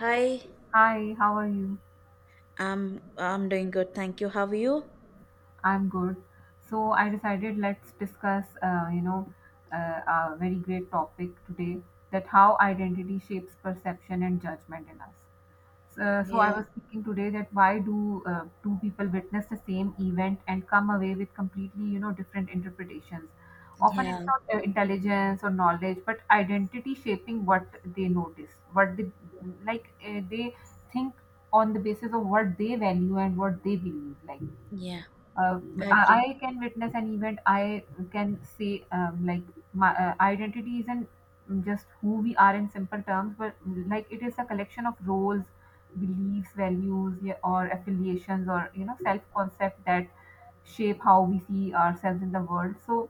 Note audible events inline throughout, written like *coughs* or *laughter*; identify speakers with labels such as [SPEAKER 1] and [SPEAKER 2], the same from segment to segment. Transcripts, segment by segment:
[SPEAKER 1] Hi,
[SPEAKER 2] Hi, how are you?
[SPEAKER 1] I'm doing good, thank you. How are you?
[SPEAKER 2] I'm good. So I decided let's discuss, a very great topic today that how identity shapes perception and judgment in us. So I
[SPEAKER 1] Yeah,
[SPEAKER 2] was thinking today that why do two people witness the same event and come away with completely, you know, different interpretations? Often it's
[SPEAKER 1] yeah,
[SPEAKER 2] not intelligence or knowledge, but identity shaping what they notice, what they like. They think on the basis of what they value and what they believe.
[SPEAKER 1] yeah,
[SPEAKER 2] Uh,
[SPEAKER 1] I
[SPEAKER 2] I
[SPEAKER 1] agree.
[SPEAKER 2] I can witness an event. I can say like my identity isn't just who we are in simple terms, but like it is a collection of roles, beliefs, values, yeah, or affiliations, or you know self concept that shape how we see ourselves in the world. So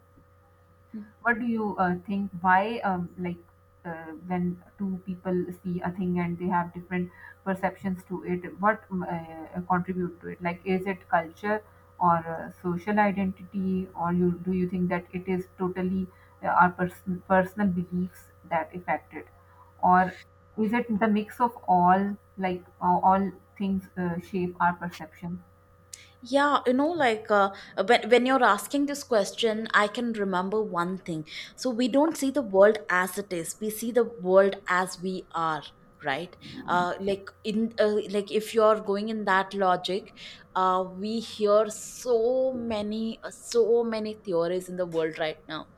[SPEAKER 2] what do you think why like when two people see a thing and they have different perceptions to it what contribute to it like is it culture or social identity or you do you think that it is totally our personal beliefs that affect it or is it the mix of all like all things shape our perception.
[SPEAKER 1] Yeah, like when you're asking this question, I can remember one thing. So, we don't see the world as it is, we see the world as we are, right. Like if you're going in that logic, we hear so many so many theories in the world right now.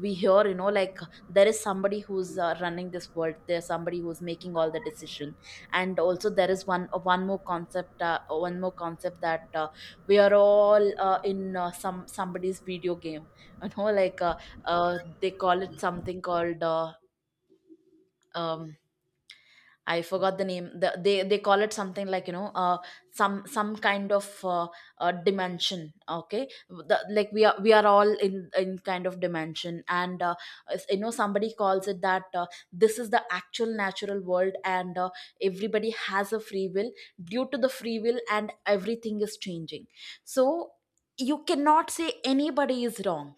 [SPEAKER 1] We hear, like, there is somebody who's running this world, there's somebody who's making all the decision. And also there is one more concept, one more concept that, we are all in somebody's video game. *laughs* you know like uh, they call it something called um, I forgot the name. They call it something like, some kind of dimension. Okay, like we are all in kind of dimension, and you know, somebody calls it that this is the actual natural world, and everybody has a free will. Due to the free will, and everything is changing. So you cannot say anybody is wrong.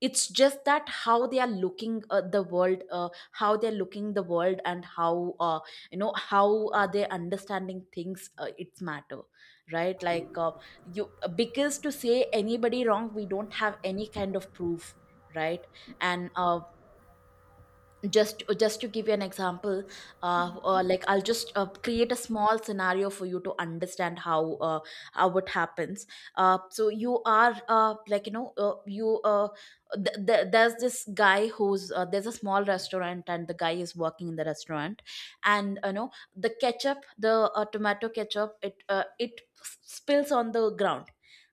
[SPEAKER 1] It's just that how they are looking at the world, how they're looking the world, and how how are they understanding things, it's matter, right. like you Because to say anybody wrong, we don't have any kind of proof, right. And just to give you an example, like I'll just create a small scenario for you to understand how it happens. So you are like you know you th- th- there's this guy who's there's a small restaurant and the guy is working in the restaurant. And you know, the ketchup, the tomato ketchup, it spills on the ground.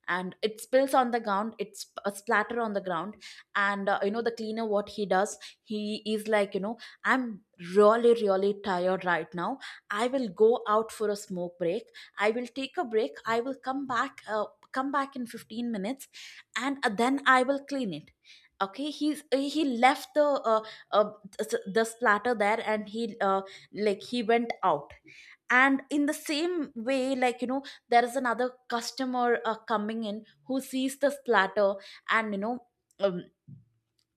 [SPEAKER 1] And it spills on the ground, it's a splatter on the ground. And you know, the cleaner, what he does, he is like, you know, I'm really, really tired right now. I will go out for a smoke break. I will take a break. I will come back in 15 minutes, and then I will clean it. Okay, he left the uh, the splatter there, and he like he went out. And in the same way, like you know, there is another customer coming in, who sees the splatter. And you know, um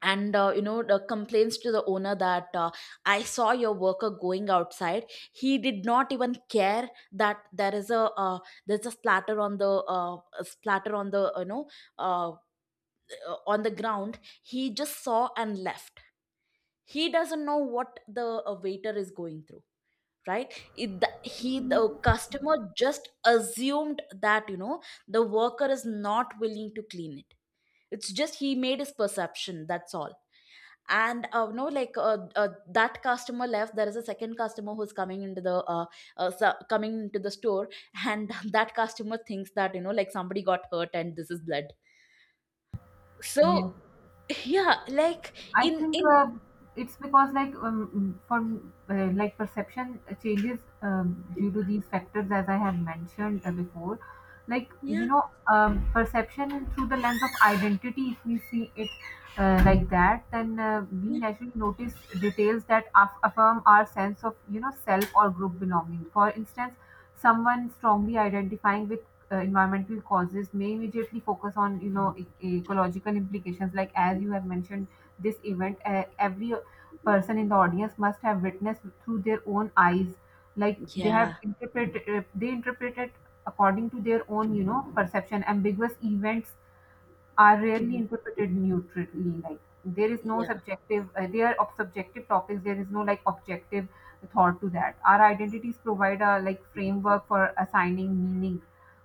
[SPEAKER 1] and you know, the complaints to the owner that I saw your worker going outside. He did not even care that there is a there's a splatter on the a splatter on the, uh, on the ground. He just saw and left. He doesn't know what the waiter is going through, right. it, the, he The customer just assumed that, you know, the worker is not willing to clean it. It's just he made his perception, that's all. And no like that customer left. There is a second customer who's coming into the coming into the store. And *laughs* that customer thinks that, you know, like somebody got hurt and this is blood. So
[SPEAKER 2] Yes.
[SPEAKER 1] yeah, like
[SPEAKER 2] I
[SPEAKER 1] in
[SPEAKER 2] think
[SPEAKER 1] in
[SPEAKER 2] it's because like for like perception changes due to these factors as I had mentioned before. Like you
[SPEAKER 1] yeah,
[SPEAKER 2] know, perception through the lens of identity. If we see it like that, then we
[SPEAKER 1] yeah,
[SPEAKER 2] naturally notice details that affirm our sense of you know self or group belonging. For instance, someone strongly identifying with environmental causes may immediately focus on you know ecological implications like as you have mentioned this event every person in the audience must have witnessed through their own eyes like
[SPEAKER 1] yeah.
[SPEAKER 2] they interpret it according to their own you know perception. Ambiguous events are rarely
[SPEAKER 1] Mhm.
[SPEAKER 2] interpreted neutrally. Like there is no
[SPEAKER 1] Yeah,
[SPEAKER 2] subjective, they are of subjective topics. There is no like objective thought to that. Our identities provide a like framework for assigning meaning.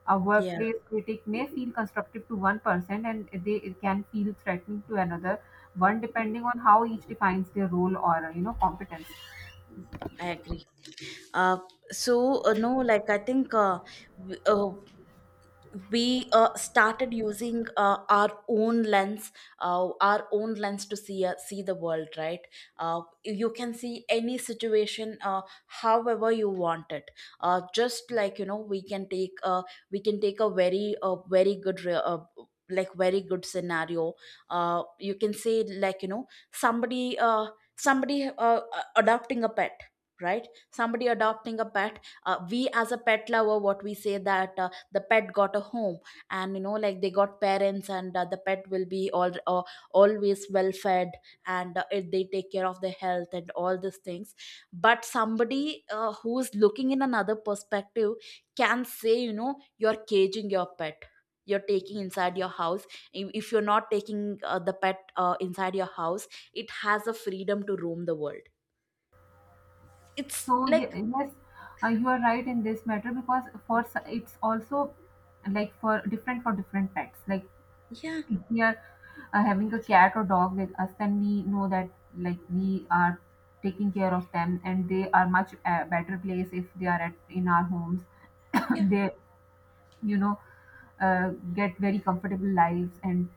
[SPEAKER 2] A
[SPEAKER 1] yeah,
[SPEAKER 2] workplace critic may feel constructive to one person, and they it can feel threatening to another one, depending on how each defines their role or you know competence.
[SPEAKER 1] I agree. uh so no, like I think, w- uh we started using our own lens, our own lens to see, see the world, right. You can see any situation however you want it. Just like, you know, we can take a very very good like very good scenario. You can say, like, you know, somebody uh, somebody adopting a pet, right. Somebody adopting a pet. We as a pet lover, what we say that the pet got a home, and you know, like they got parents, and the pet will be all always well fed. And they take care of their health and all these things. But somebody who's looking in another perspective can say, you know, you're caging your pet, you're taking inside your house. If you're not taking the pet inside your house, it has a freedom to roam the world. It's
[SPEAKER 2] So
[SPEAKER 1] like,
[SPEAKER 2] ye- yes, you are right in this matter because for it's also like for different pets. Like
[SPEAKER 1] yeah,
[SPEAKER 2] if we are having a cat or dog with us, then we know that like we are taking care of them, and they are much better place if they are at in our homes. *coughs*
[SPEAKER 1] yeah,
[SPEAKER 2] they, you know, uh, get very comfortable lives, and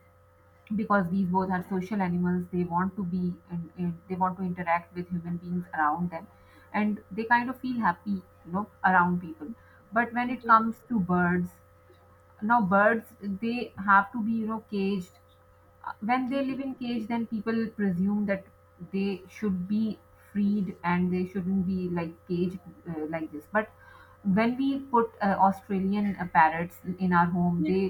[SPEAKER 2] because these both are social animals, they want to be and they want to interact with human beings around them, and they kind of feel happy, you know, around people. But when it
[SPEAKER 1] yeah,
[SPEAKER 2] comes to birds, now birds they have to be you know caged. When they live in cage then people presume that they should be freed and they shouldn't be like caged like this, but when we put australian parrots in our home
[SPEAKER 1] yeah,
[SPEAKER 2] they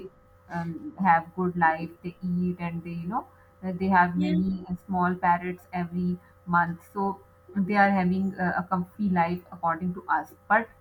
[SPEAKER 2] have good life. They eat and they you know they have
[SPEAKER 1] yeah,
[SPEAKER 2] many small parrots every month, so they are having a comfy life according to us. But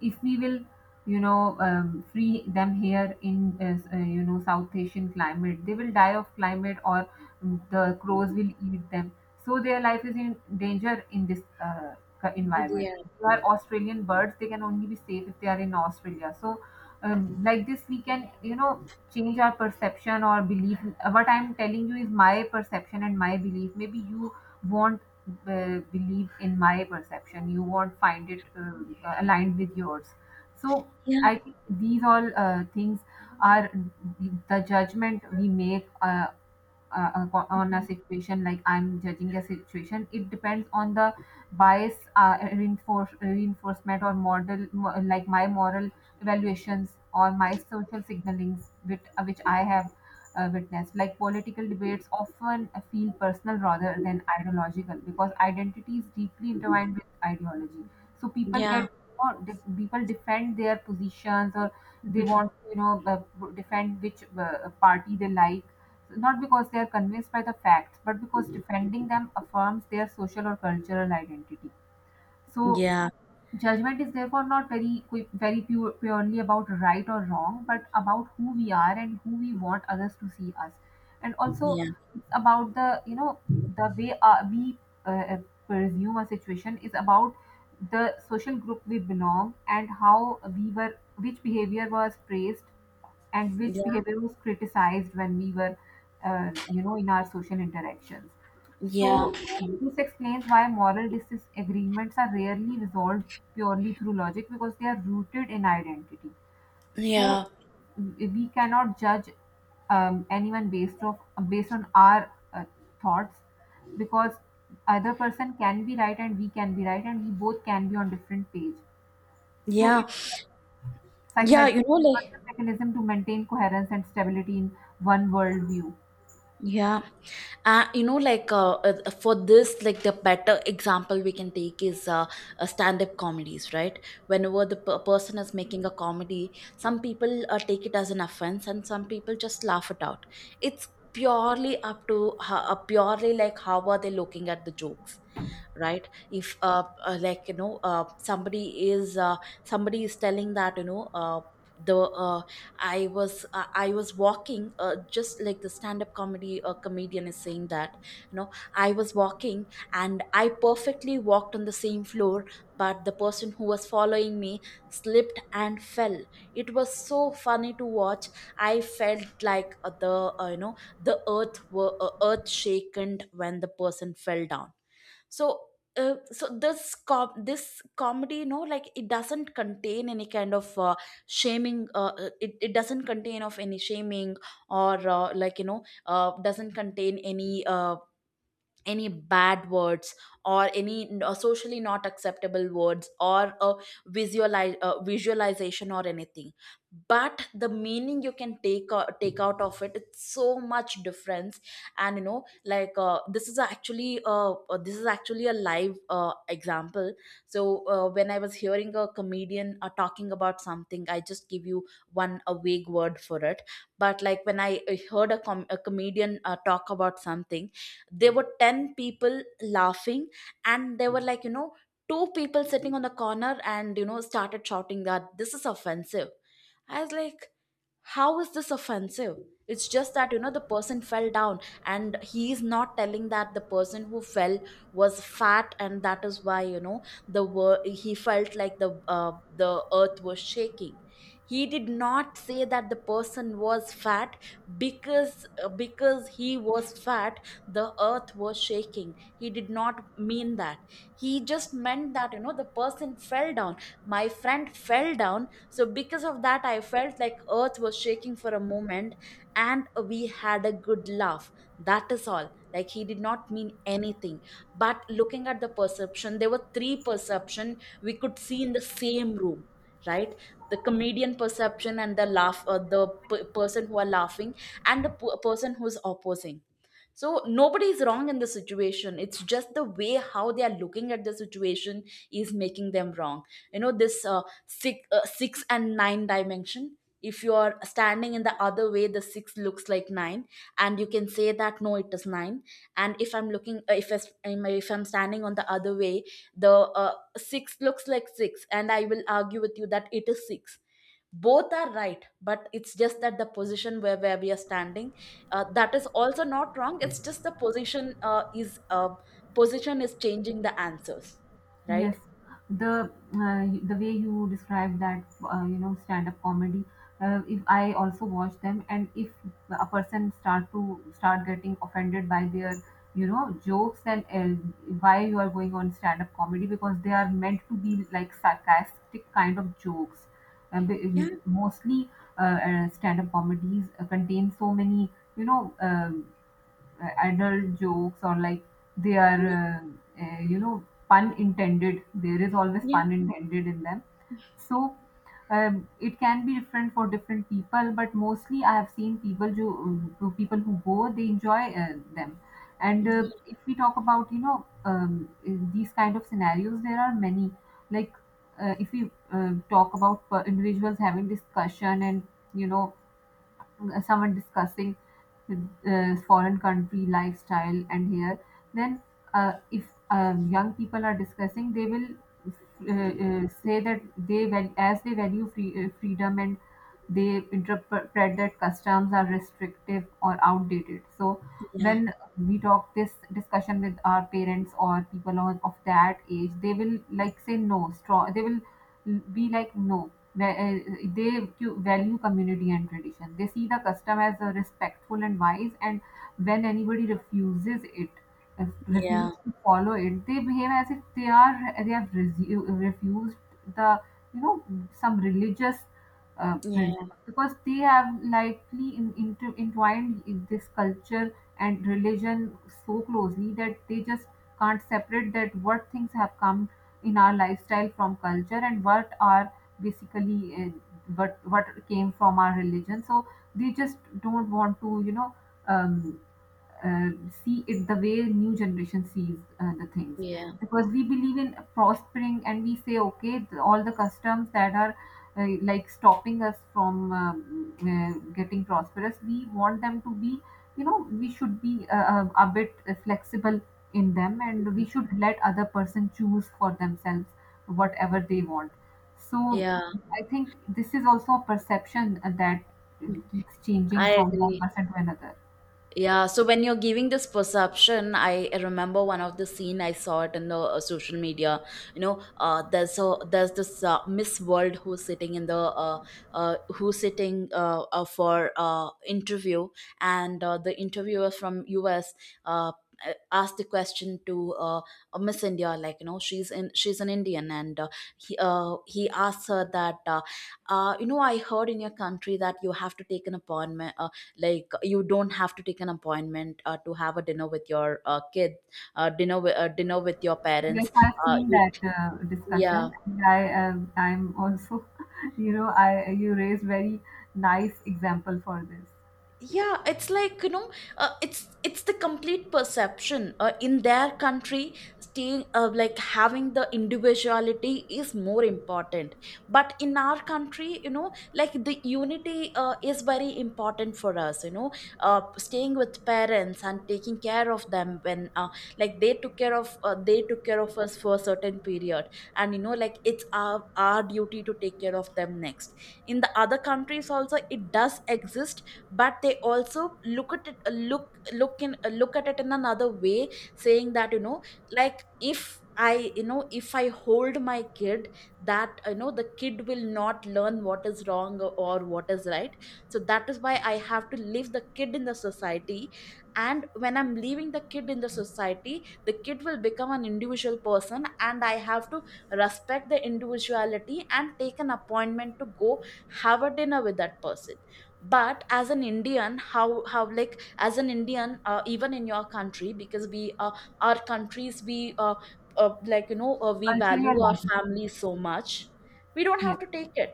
[SPEAKER 2] if we will you know free them here in you know south asian climate, they will die of climate or the crows will eat them. So their life is in danger in this environment.
[SPEAKER 1] yeah,
[SPEAKER 2] They are australian birds, they can only be safe if they are in australia. So like this we can you know change our perception or belief. What I'm telling you is my perception and my belief. Maybe you want believe in my perception, you won't find it aligned with yours. So I think these all things are the judgment we make on a situation. Like I'm judging a situation, it depends on the bias reinforcement or like my moral evaluations or my social signalings which I have witnessed. Like political debates often feel personal rather than ideological because identity is deeply intertwined with ideology. So people
[SPEAKER 1] yeah,
[SPEAKER 2] get or people defend their positions, or they want to you know defend which party they like, not because they are convinced by the facts, but because defending them affirms their social or cultural identity. So
[SPEAKER 1] yeah.
[SPEAKER 2] judgment is therefore not very qui- very pure, purely about right or wrong, but about who we are and who we want others to see us, and also
[SPEAKER 1] Yeah,
[SPEAKER 2] it's about the you know the way we uh, uh, presume a situation. Is about the social group we belong and how we were, which behavior was praised and which
[SPEAKER 1] yeah,
[SPEAKER 2] behavior was criticized when we were you know in our social interactions.
[SPEAKER 1] yeah,
[SPEAKER 2] So this explains why moral disagreements are rarely resolved purely through logic because they are rooted in identity. So
[SPEAKER 1] yeah,
[SPEAKER 2] we cannot judge anyone based on our thoughts, because other person can be right and we can be right and we both can be on different page. So
[SPEAKER 1] yeah,
[SPEAKER 2] it's
[SPEAKER 1] yeah.
[SPEAKER 2] psychological
[SPEAKER 1] You know, like,
[SPEAKER 2] mechanism to maintain coherence and stability in one worldview.
[SPEAKER 1] yeah, for this, like the better example we can take is stand-up comedies, right? Whenever the person is making a comedy, some people take it as an offense, and some people just laugh it out. It's purely up to purely like how are they looking at the jokes, right. if like you know Somebody is telling that, you know, the I was walking, just like the stand up comedy comedian is saying that, you know, I was walking and I perfectly walked on the same floor, but the person who was following me slipped and fell. It was so funny to watch. I felt like the you know, the earth shaken when the person fell down. So so this this comedy, you know, like it doesn't contain any kind of shaming, it doesn't contain of any shaming, or like you know, doesn't contain any bad words, or socially not acceptable words, or a visualize visualization or anything. But the meaning you can take, take out of it, it's so much difference. And you know, like this is actually a live example. So when I was hearing a comedian talking about something, I just give you one a vague word for it. But like when I heard a, a comedian talk about something, there were 10 people laughing, and there were, like, you know, two people sitting on the corner, and you know, started shouting that this is offensive. I was like, how is this offensive? It's just that, you know, the person fell down, and he is not telling that the person who fell was fat, and that is why, you know, he felt like the earth was shaking. He did not say that the person was fat. Because because he was fat, the earth was shaking, he did not mean that. He just meant that, you know, the person fell down, my friend fell down, so because of that I felt like earth was shaking for a moment, and we had a good laugh. That is all, like he did not mean anything. But looking at the perception, there were three perception we could see in the same room, right. The comedian perception, and the person who are laughing, and the person who's opposing. So nobody is wrong in the situation, it's just the way how they are looking at the situation is making them wrong. You know, this six and nine dimension, if you are standing in the other way, the six looks like nine, and you can say that no, it is nine. And if I'm looking, if I'm standing on the other way, the six looks like six, and I will argue with you that it is six. Both are right, but it's just that the position where we are standing, that is also not wrong, it's just the position, is position is changing the answers, right.
[SPEAKER 2] Yes, the way you describe that you know stand-up comedy. If I also watch them, and if a person start getting offended by their you know jokes, then why you are going on stand-up comedy, because they are meant to be like sarcastic kind of jokes.
[SPEAKER 1] Yeah,
[SPEAKER 2] Mostly, stand-up comedies contain so many you know adult jokes, or like they are you know pun intended, there is always
[SPEAKER 1] yeah,
[SPEAKER 2] pun intended in them. So it can be different for different people, but mostly I have seen people who people who go they enjoy them. And if we talk about you know these kind of scenarios there are many. Like if we talk about individuals having discussion and you know someone discussing foreign country lifestyle and here, then if young people are discussing they will say that as they value free, freedom, and they interpret that customs are restrictive or outdated. So
[SPEAKER 1] yeah,
[SPEAKER 2] when we talk this discussion with our parents or people of that age they will like say no strong, they will be like no, value community and tradition. They see the custom as a respectful and wise, and when anybody refuses it, if
[SPEAKER 1] yeah,
[SPEAKER 2] refuses to follow it, they behave as if they are they have refused the you know some religious
[SPEAKER 1] yeah,
[SPEAKER 2] principle, because they have likely entwined in this culture and religion so closely that they just can't separate that what things have come in our lifestyle from culture and what are basically what came from our religion. So they just don't want to you know um, uh, see it the way new generation sees the things,
[SPEAKER 1] yeah,
[SPEAKER 2] because we believe in prospering and we say okay all the customs that are like stopping us from getting prosperous, we want them to be you know we should be a bit flexible in them and we should let other person choose for themselves whatever they want. So
[SPEAKER 1] yeah.
[SPEAKER 2] I think this is also a perception that keeps changing
[SPEAKER 1] I
[SPEAKER 2] from one
[SPEAKER 1] agree.
[SPEAKER 2] person to another.
[SPEAKER 1] Yeah, so when you're giving this perception, I remember one of the scene I saw it in the social media. You know, there's this Miss World who's sitting in the who's sitting for interview, and the interviewer from US. Uh, Asked the question to Miss India, like she's an Indian, and he asked her that, you know, I heard in your country that you have to take an appointment, like you don't have to take an appointment to have a dinner with your dinner with your
[SPEAKER 2] Yes,
[SPEAKER 1] parents.
[SPEAKER 2] I've seen
[SPEAKER 1] You
[SPEAKER 2] that
[SPEAKER 1] Yeah.
[SPEAKER 2] discussion, and I I'm also, *laughs* you know, I you raised very nice example for this
[SPEAKER 1] Yeah, it's like it's the complete perception in their country, staying, like having the individuality is more important. But in our country, like the unity is very important for us Staying with parents and taking care of them when, like they took care of us for a certain period, and like it's our duty to take care of them next. In the other countries also it does exist, but they also look at it in another way, saying that, like, if I you know if I hold my kid, that the kid will not learn what is wrong or what is right. So that is why I have to leave the kid in the society, and when I'm leaving the kid in the society, the kid will become an individual person, and I have to respect the individuality and take an appointment to go have a dinner with that person. But as an Indian, how like as an Indian, even in your country. Because we our countries, we like you know we
[SPEAKER 2] cultural
[SPEAKER 1] value our
[SPEAKER 2] alignment.
[SPEAKER 1] family so much. We don't have
[SPEAKER 2] Yes,
[SPEAKER 1] to take it.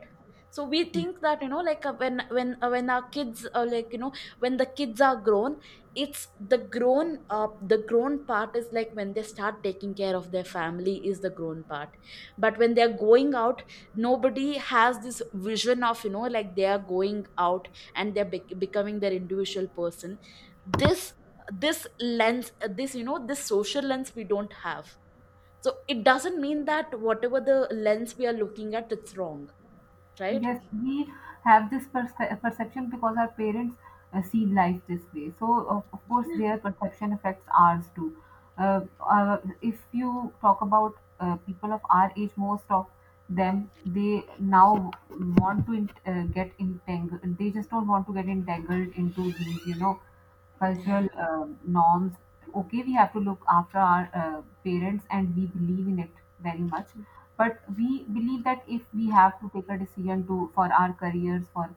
[SPEAKER 1] So we
[SPEAKER 2] yes.
[SPEAKER 1] think that, like, when our kids are, when the kids are grown. It's the grown part is like when they start taking care of their family is the grown part. But when they're going out, nobody has this vision of, like, they are going out and they're becoming their individual person. This this lens, this you know this social lens we don't have. So it doesn't mean that whatever the lens we are looking at, it's wrong, right?
[SPEAKER 2] Yes, we have this perception because our parents see life this way. So, of course, their perception affects ours too. Uh, if you talk about people of our age, most of them they now want to get entangled. They just don't want to get entangled into these, you know,
[SPEAKER 1] Yeah,
[SPEAKER 2] cultural norms. Okay, we have to look after our parents, and we believe in it very much, but we believe that if we have to take a decision to for our careers for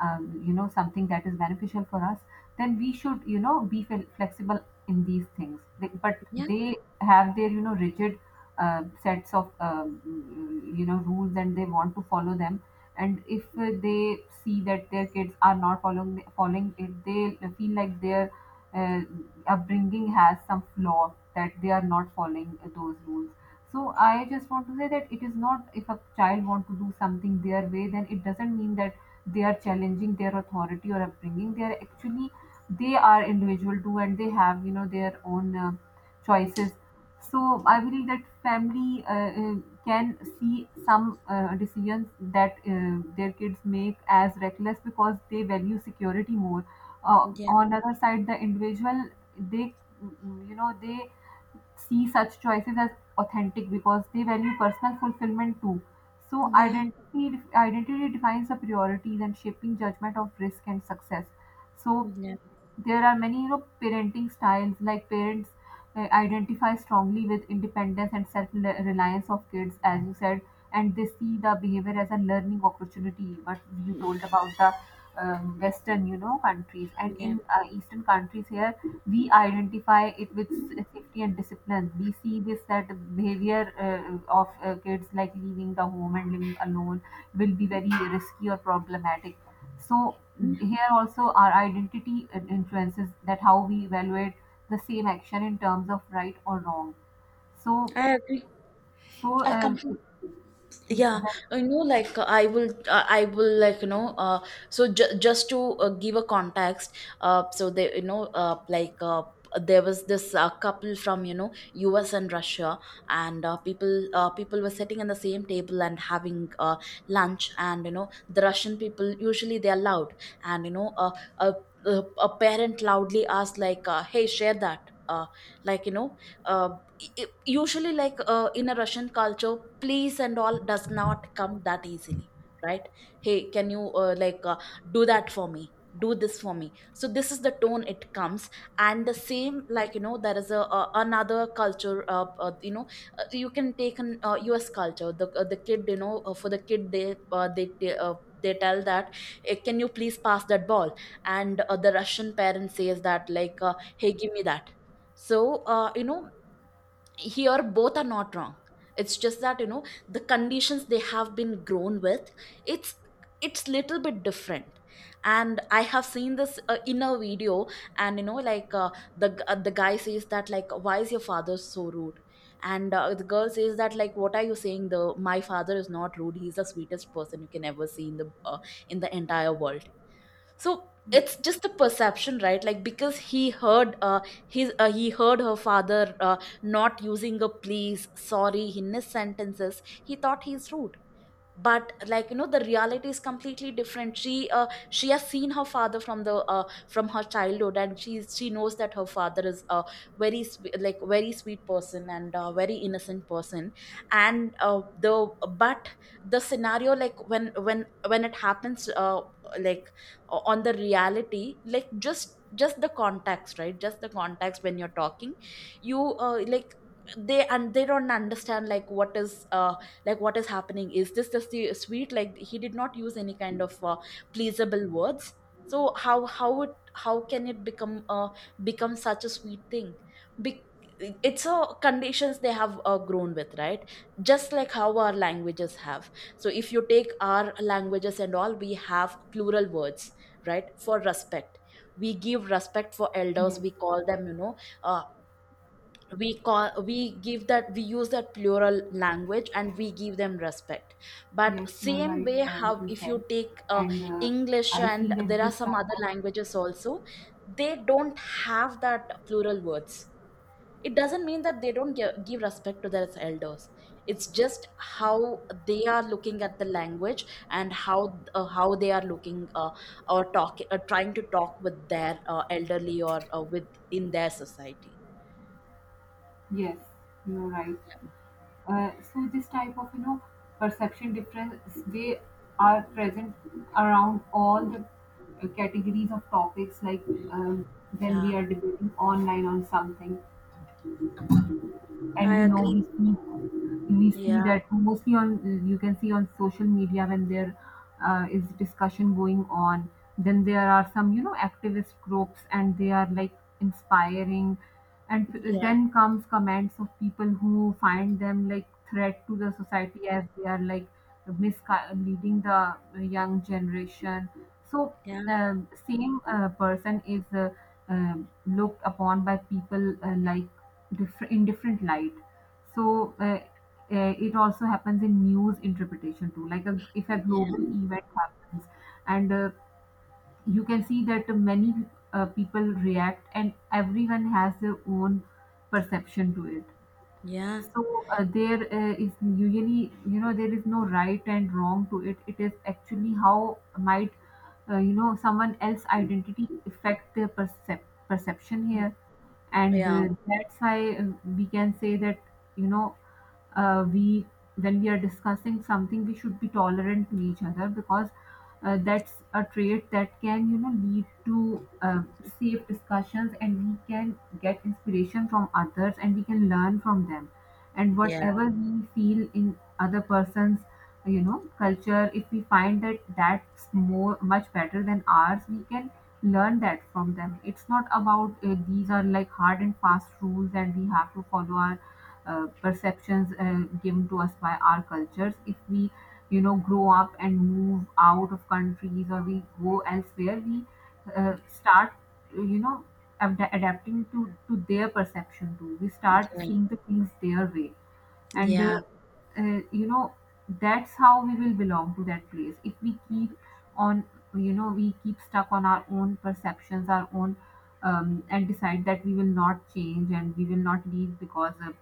[SPEAKER 2] you know something that is beneficial for us, then we should you know be flexible in these things they, but
[SPEAKER 1] yeah,
[SPEAKER 2] they have their you know rigid sets of you know rules and they want to follow them. And if they see that their kids are not following it, they feel like their uh, upbringing has some flaw that they are not following those rules. So I just want to say that it is not if a child want to do something their way, then it doesn't mean that they are challenging their authority or upbringing. They are actually they are individual too, and they have you know their own choices. So I believe that family uh, can see some decisions that their kids make as reckless because they value security more.
[SPEAKER 1] yeah,
[SPEAKER 2] On other side, the individual they you know they see such choices as authentic because they value personal fulfillment too. So identity defines the priorities and shaping judgment of risk and success. So
[SPEAKER 1] yeah,
[SPEAKER 2] there are many you know parenting styles like parents identify strongly with independence and self reliance of kids as you said, and they see the behavior as a learning opportunity what you told about the western you know countries, and
[SPEAKER 1] yeah,
[SPEAKER 2] in eastern countries here we identify it with safety and discipline. We see this that the behavior of kids like leaving the home and living alone will be very risky or problematic. So
[SPEAKER 1] yeah.
[SPEAKER 2] here also our identity influences that how we evaluate the same action in terms of right or wrong. So
[SPEAKER 1] I agree.
[SPEAKER 2] so
[SPEAKER 1] I completely. Yeah.
[SPEAKER 2] that.
[SPEAKER 1] I will, so just to give a context. So they, there was this couple from, US and Russia, and people were sitting in the same table and having lunch. And you know the Russian people, usually they are loud. And a, a parent loudly asked, like, "Hey, share that," like, uh, usually, like, in a Russian culture, please and all does not come that easily, right? "Hey, can you, like, do that for me, do this for me?" So this is the tone it comes. And the same, like, there is a another culture. You can take an US culture, the kid, for the kid, uh, they they, uh, they tell that, "Eh, can you please pass that ball?" And the Russian parent says that, like, "Hey, give me that." So, here both are not wrong. It's just that, the conditions they have been grown with, it's it's little bit different. And I have seen this in a video. And like, the guy says that, like, "Why is your father so rude?" And the girl says that, like, "What are you saying? The My father is not rude. He's the sweetest person you can ever see in the entire world." So it's just a perception, right? Like, because he heard, his he heard her father not using a please, sorry, in his sentences, he thought he's rude. But, like, the reality is completely different. She has seen her father from the from her childhood, and she knows that her father is a like very sweet person and a very innocent person. And the but the scenario, like, when it happens, like, on the reality, like, just the context, right? Just the context when you're talking, you like they don't understand, like, what is, like, what is happening. Is this just the sweet? Like, he did not use any kind of pleasable words. So how can it become, become such a sweet thing? Be- it's a conditions they have grown with, right? Just like how our languages have. So if you take our languages and all, we have plural words, right, for respect. We give respect for elders,
[SPEAKER 2] Yes,
[SPEAKER 1] we call them, uh, we give that, we use that plural language and we give them respect. But
[SPEAKER 2] yes, you are
[SPEAKER 1] same
[SPEAKER 2] right,
[SPEAKER 1] way, how
[SPEAKER 2] what you
[SPEAKER 1] if you
[SPEAKER 2] said.
[SPEAKER 1] take
[SPEAKER 2] And
[SPEAKER 1] English,
[SPEAKER 2] I see
[SPEAKER 1] and
[SPEAKER 2] that
[SPEAKER 1] there are
[SPEAKER 2] this
[SPEAKER 1] some
[SPEAKER 2] type
[SPEAKER 1] other
[SPEAKER 2] of,
[SPEAKER 1] languages also, they don't have that plural words. It doesn't mean that they don't give respect to their elders. It's just how they are looking at the language, and how they are looking, or talk trying to talk with their elderly, or with in their society.
[SPEAKER 2] yes, you are right. So this type of, you know, perception difference, they are present around all the categories of topics, like um, when
[SPEAKER 1] Yeah.
[SPEAKER 2] we are debating online on something.
[SPEAKER 1] I
[SPEAKER 2] And you know
[SPEAKER 1] agree.
[SPEAKER 2] we see, we see
[SPEAKER 1] Yeah,
[SPEAKER 2] that mostly on, you can see on social media when there is discussion going on, then there are some you know activist groups and they are like inspiring, and
[SPEAKER 1] yeah,
[SPEAKER 2] then comes comments of people who find them like threat to the society as they are like misleading the young generation. So
[SPEAKER 1] yeah,
[SPEAKER 2] same person is looked upon by people like different in different light. So it also happens in news interpretation too, like a, if a
[SPEAKER 1] yeah,
[SPEAKER 2] global event happens, and you can see that many people react and everyone has their own perception to it.
[SPEAKER 1] yeah,
[SPEAKER 2] So there is usually, you know, there is no right and wrong to it. It is actually how might, you know, someone else's identity affect their perception here, and
[SPEAKER 1] yeah,
[SPEAKER 2] that's why we can say that, you know, we, when we are discussing something, we should be tolerant to each other because that's a trait that can, you know, lead to safe discussions, and we can get inspiration from others, and we can learn from them. And
[SPEAKER 1] yeah,
[SPEAKER 2] whatever we feel in other person's you know culture, if we find that that's more much better than ours, we can learn that from them. It's not about these are like hard and fast rules and we have to follow our perceptions given to us by our cultures. If we you know grow up and move out of countries, or we go elsewhere, we start you know adapting to their perception too. We start
[SPEAKER 1] okay.
[SPEAKER 2] seeing the things their way. And
[SPEAKER 1] Yeah,
[SPEAKER 2] you know that's how we will belong to that place. If we keep on, you know, we keep stuck on our own perceptions, our own and decide that we will not change and we will not leave because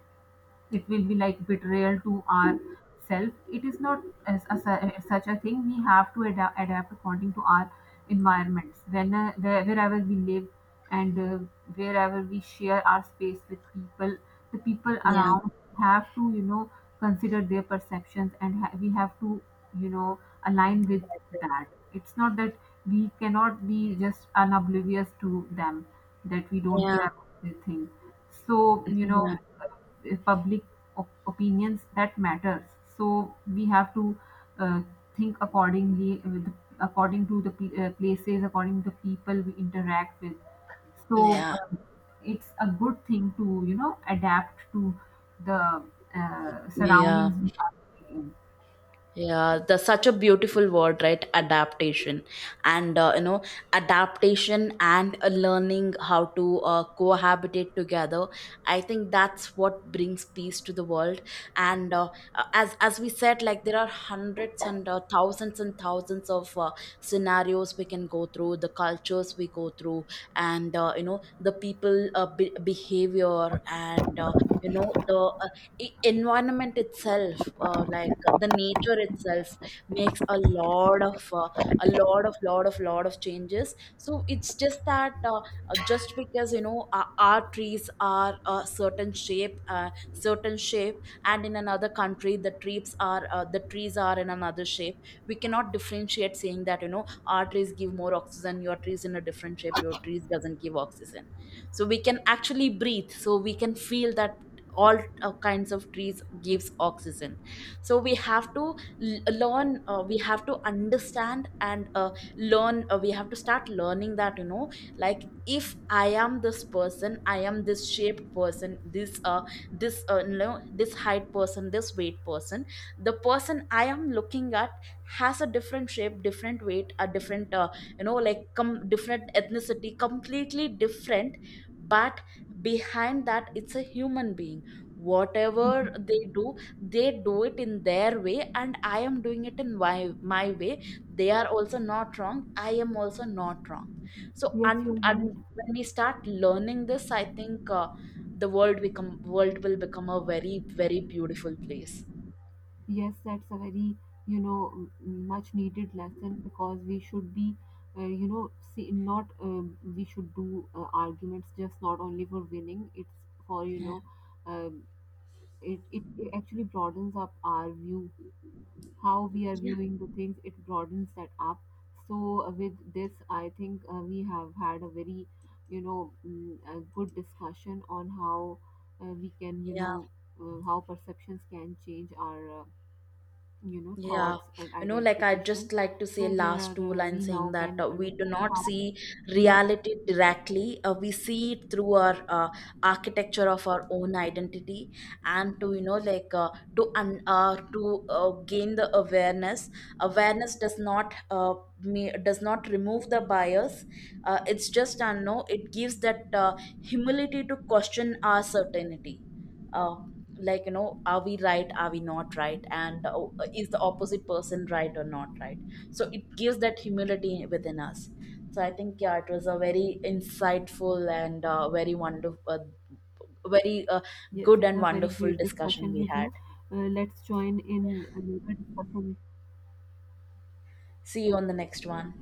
[SPEAKER 2] it will be like betrayal to our self. It is not as, as a, such a thing. We have to adapt, adapt according to our environments when wherever we live, and wherever we share our space with people. The people
[SPEAKER 1] yeah,
[SPEAKER 2] around have to you know consider their perceptions, and we have to you know align with that. It's not that we cannot be just unoblivious to them, that we don't
[SPEAKER 1] yeah,
[SPEAKER 2] care about their thing. So you
[SPEAKER 1] yeah,
[SPEAKER 2] know public opinions that matters. So we have to uh, think accordingly with according to the places, according to the people we interact with.
[SPEAKER 1] yeah,
[SPEAKER 2] So
[SPEAKER 1] yeah,
[SPEAKER 2] it's a good thing to you know adapt to the
[SPEAKER 1] yeah.
[SPEAKER 2] surroundings we are in.
[SPEAKER 1] Yeah, that's such a beautiful word, right? Adaptation. And, adaptation and learning how to cohabitate together. I think that's what brings peace to the world. And as we said, like, there are hundreds and thousands and thousands of scenarios we can go through, the cultures we go through, and, the people behavior, and, the environment itself, like the nature itself, makes a lot of changes. So it's just that, just because, our trees are a certain shape, certain shape, and in another country the trees are in another shape. We cannot differentiate, saying that, our trees give more oxygen, your trees in a different shape, your trees doesn't give oxygen. So we can actually breathe, so we can feel that all kinds of trees gives oxygen. So we have to l- learn we have to understand and learn. We have to start learning that, like, if I am this person, I am this shaped person, this height person, this weight person. The person I am looking at has a different shape, different weight, a different, different ethnicity, completely different. But behind that, it's a human being. Whatever they do, they do it in their way, and I am doing it in my way. They are also not wrong, I am also not wrong. So
[SPEAKER 2] Yes, you're
[SPEAKER 1] and
[SPEAKER 2] right.
[SPEAKER 1] when we start learning this, I think, the world become world will become a very very beautiful place.
[SPEAKER 2] Yes, that's a very, you know, much needed lesson, because we should be, you know, see, not we should do arguments just not only for winning. It's for, you
[SPEAKER 1] Yeah.
[SPEAKER 2] know, um, it, it it actually broadens up our view, how we are viewing the things. It broadens that up. So with this, I think we have had a very, you know, a good discussion on how we can, you
[SPEAKER 1] Yeah.
[SPEAKER 2] know, how perceptions can change our. You know
[SPEAKER 1] Yeah,
[SPEAKER 2] thoughts and
[SPEAKER 1] you know, like, I
[SPEAKER 2] identifications.
[SPEAKER 1] just like to say
[SPEAKER 2] So there are
[SPEAKER 1] last two
[SPEAKER 2] we
[SPEAKER 1] lines, saying
[SPEAKER 2] now
[SPEAKER 1] that,
[SPEAKER 2] can
[SPEAKER 1] we do
[SPEAKER 2] understand
[SPEAKER 1] not
[SPEAKER 2] how
[SPEAKER 1] see
[SPEAKER 2] we.
[SPEAKER 1] reality directly. We see it through our architecture of our own identity, and to you know, like to un to gain the awareness. Awareness does not me does not remove the bias. It's just, no, it gives that humility to question our certainty. Uh, like, are we right, are we not right, and is the opposite person right or not right? So it gives that humility within us. So I think, yeah, it was a very insightful and very wonderful, very
[SPEAKER 2] Yes,
[SPEAKER 1] good
[SPEAKER 2] it
[SPEAKER 1] and
[SPEAKER 2] was very
[SPEAKER 1] wonderful
[SPEAKER 2] great
[SPEAKER 1] discussion
[SPEAKER 2] discussion
[SPEAKER 1] we
[SPEAKER 2] with
[SPEAKER 1] had.
[SPEAKER 2] you. Let's join in another discussion.
[SPEAKER 1] See you on the next one.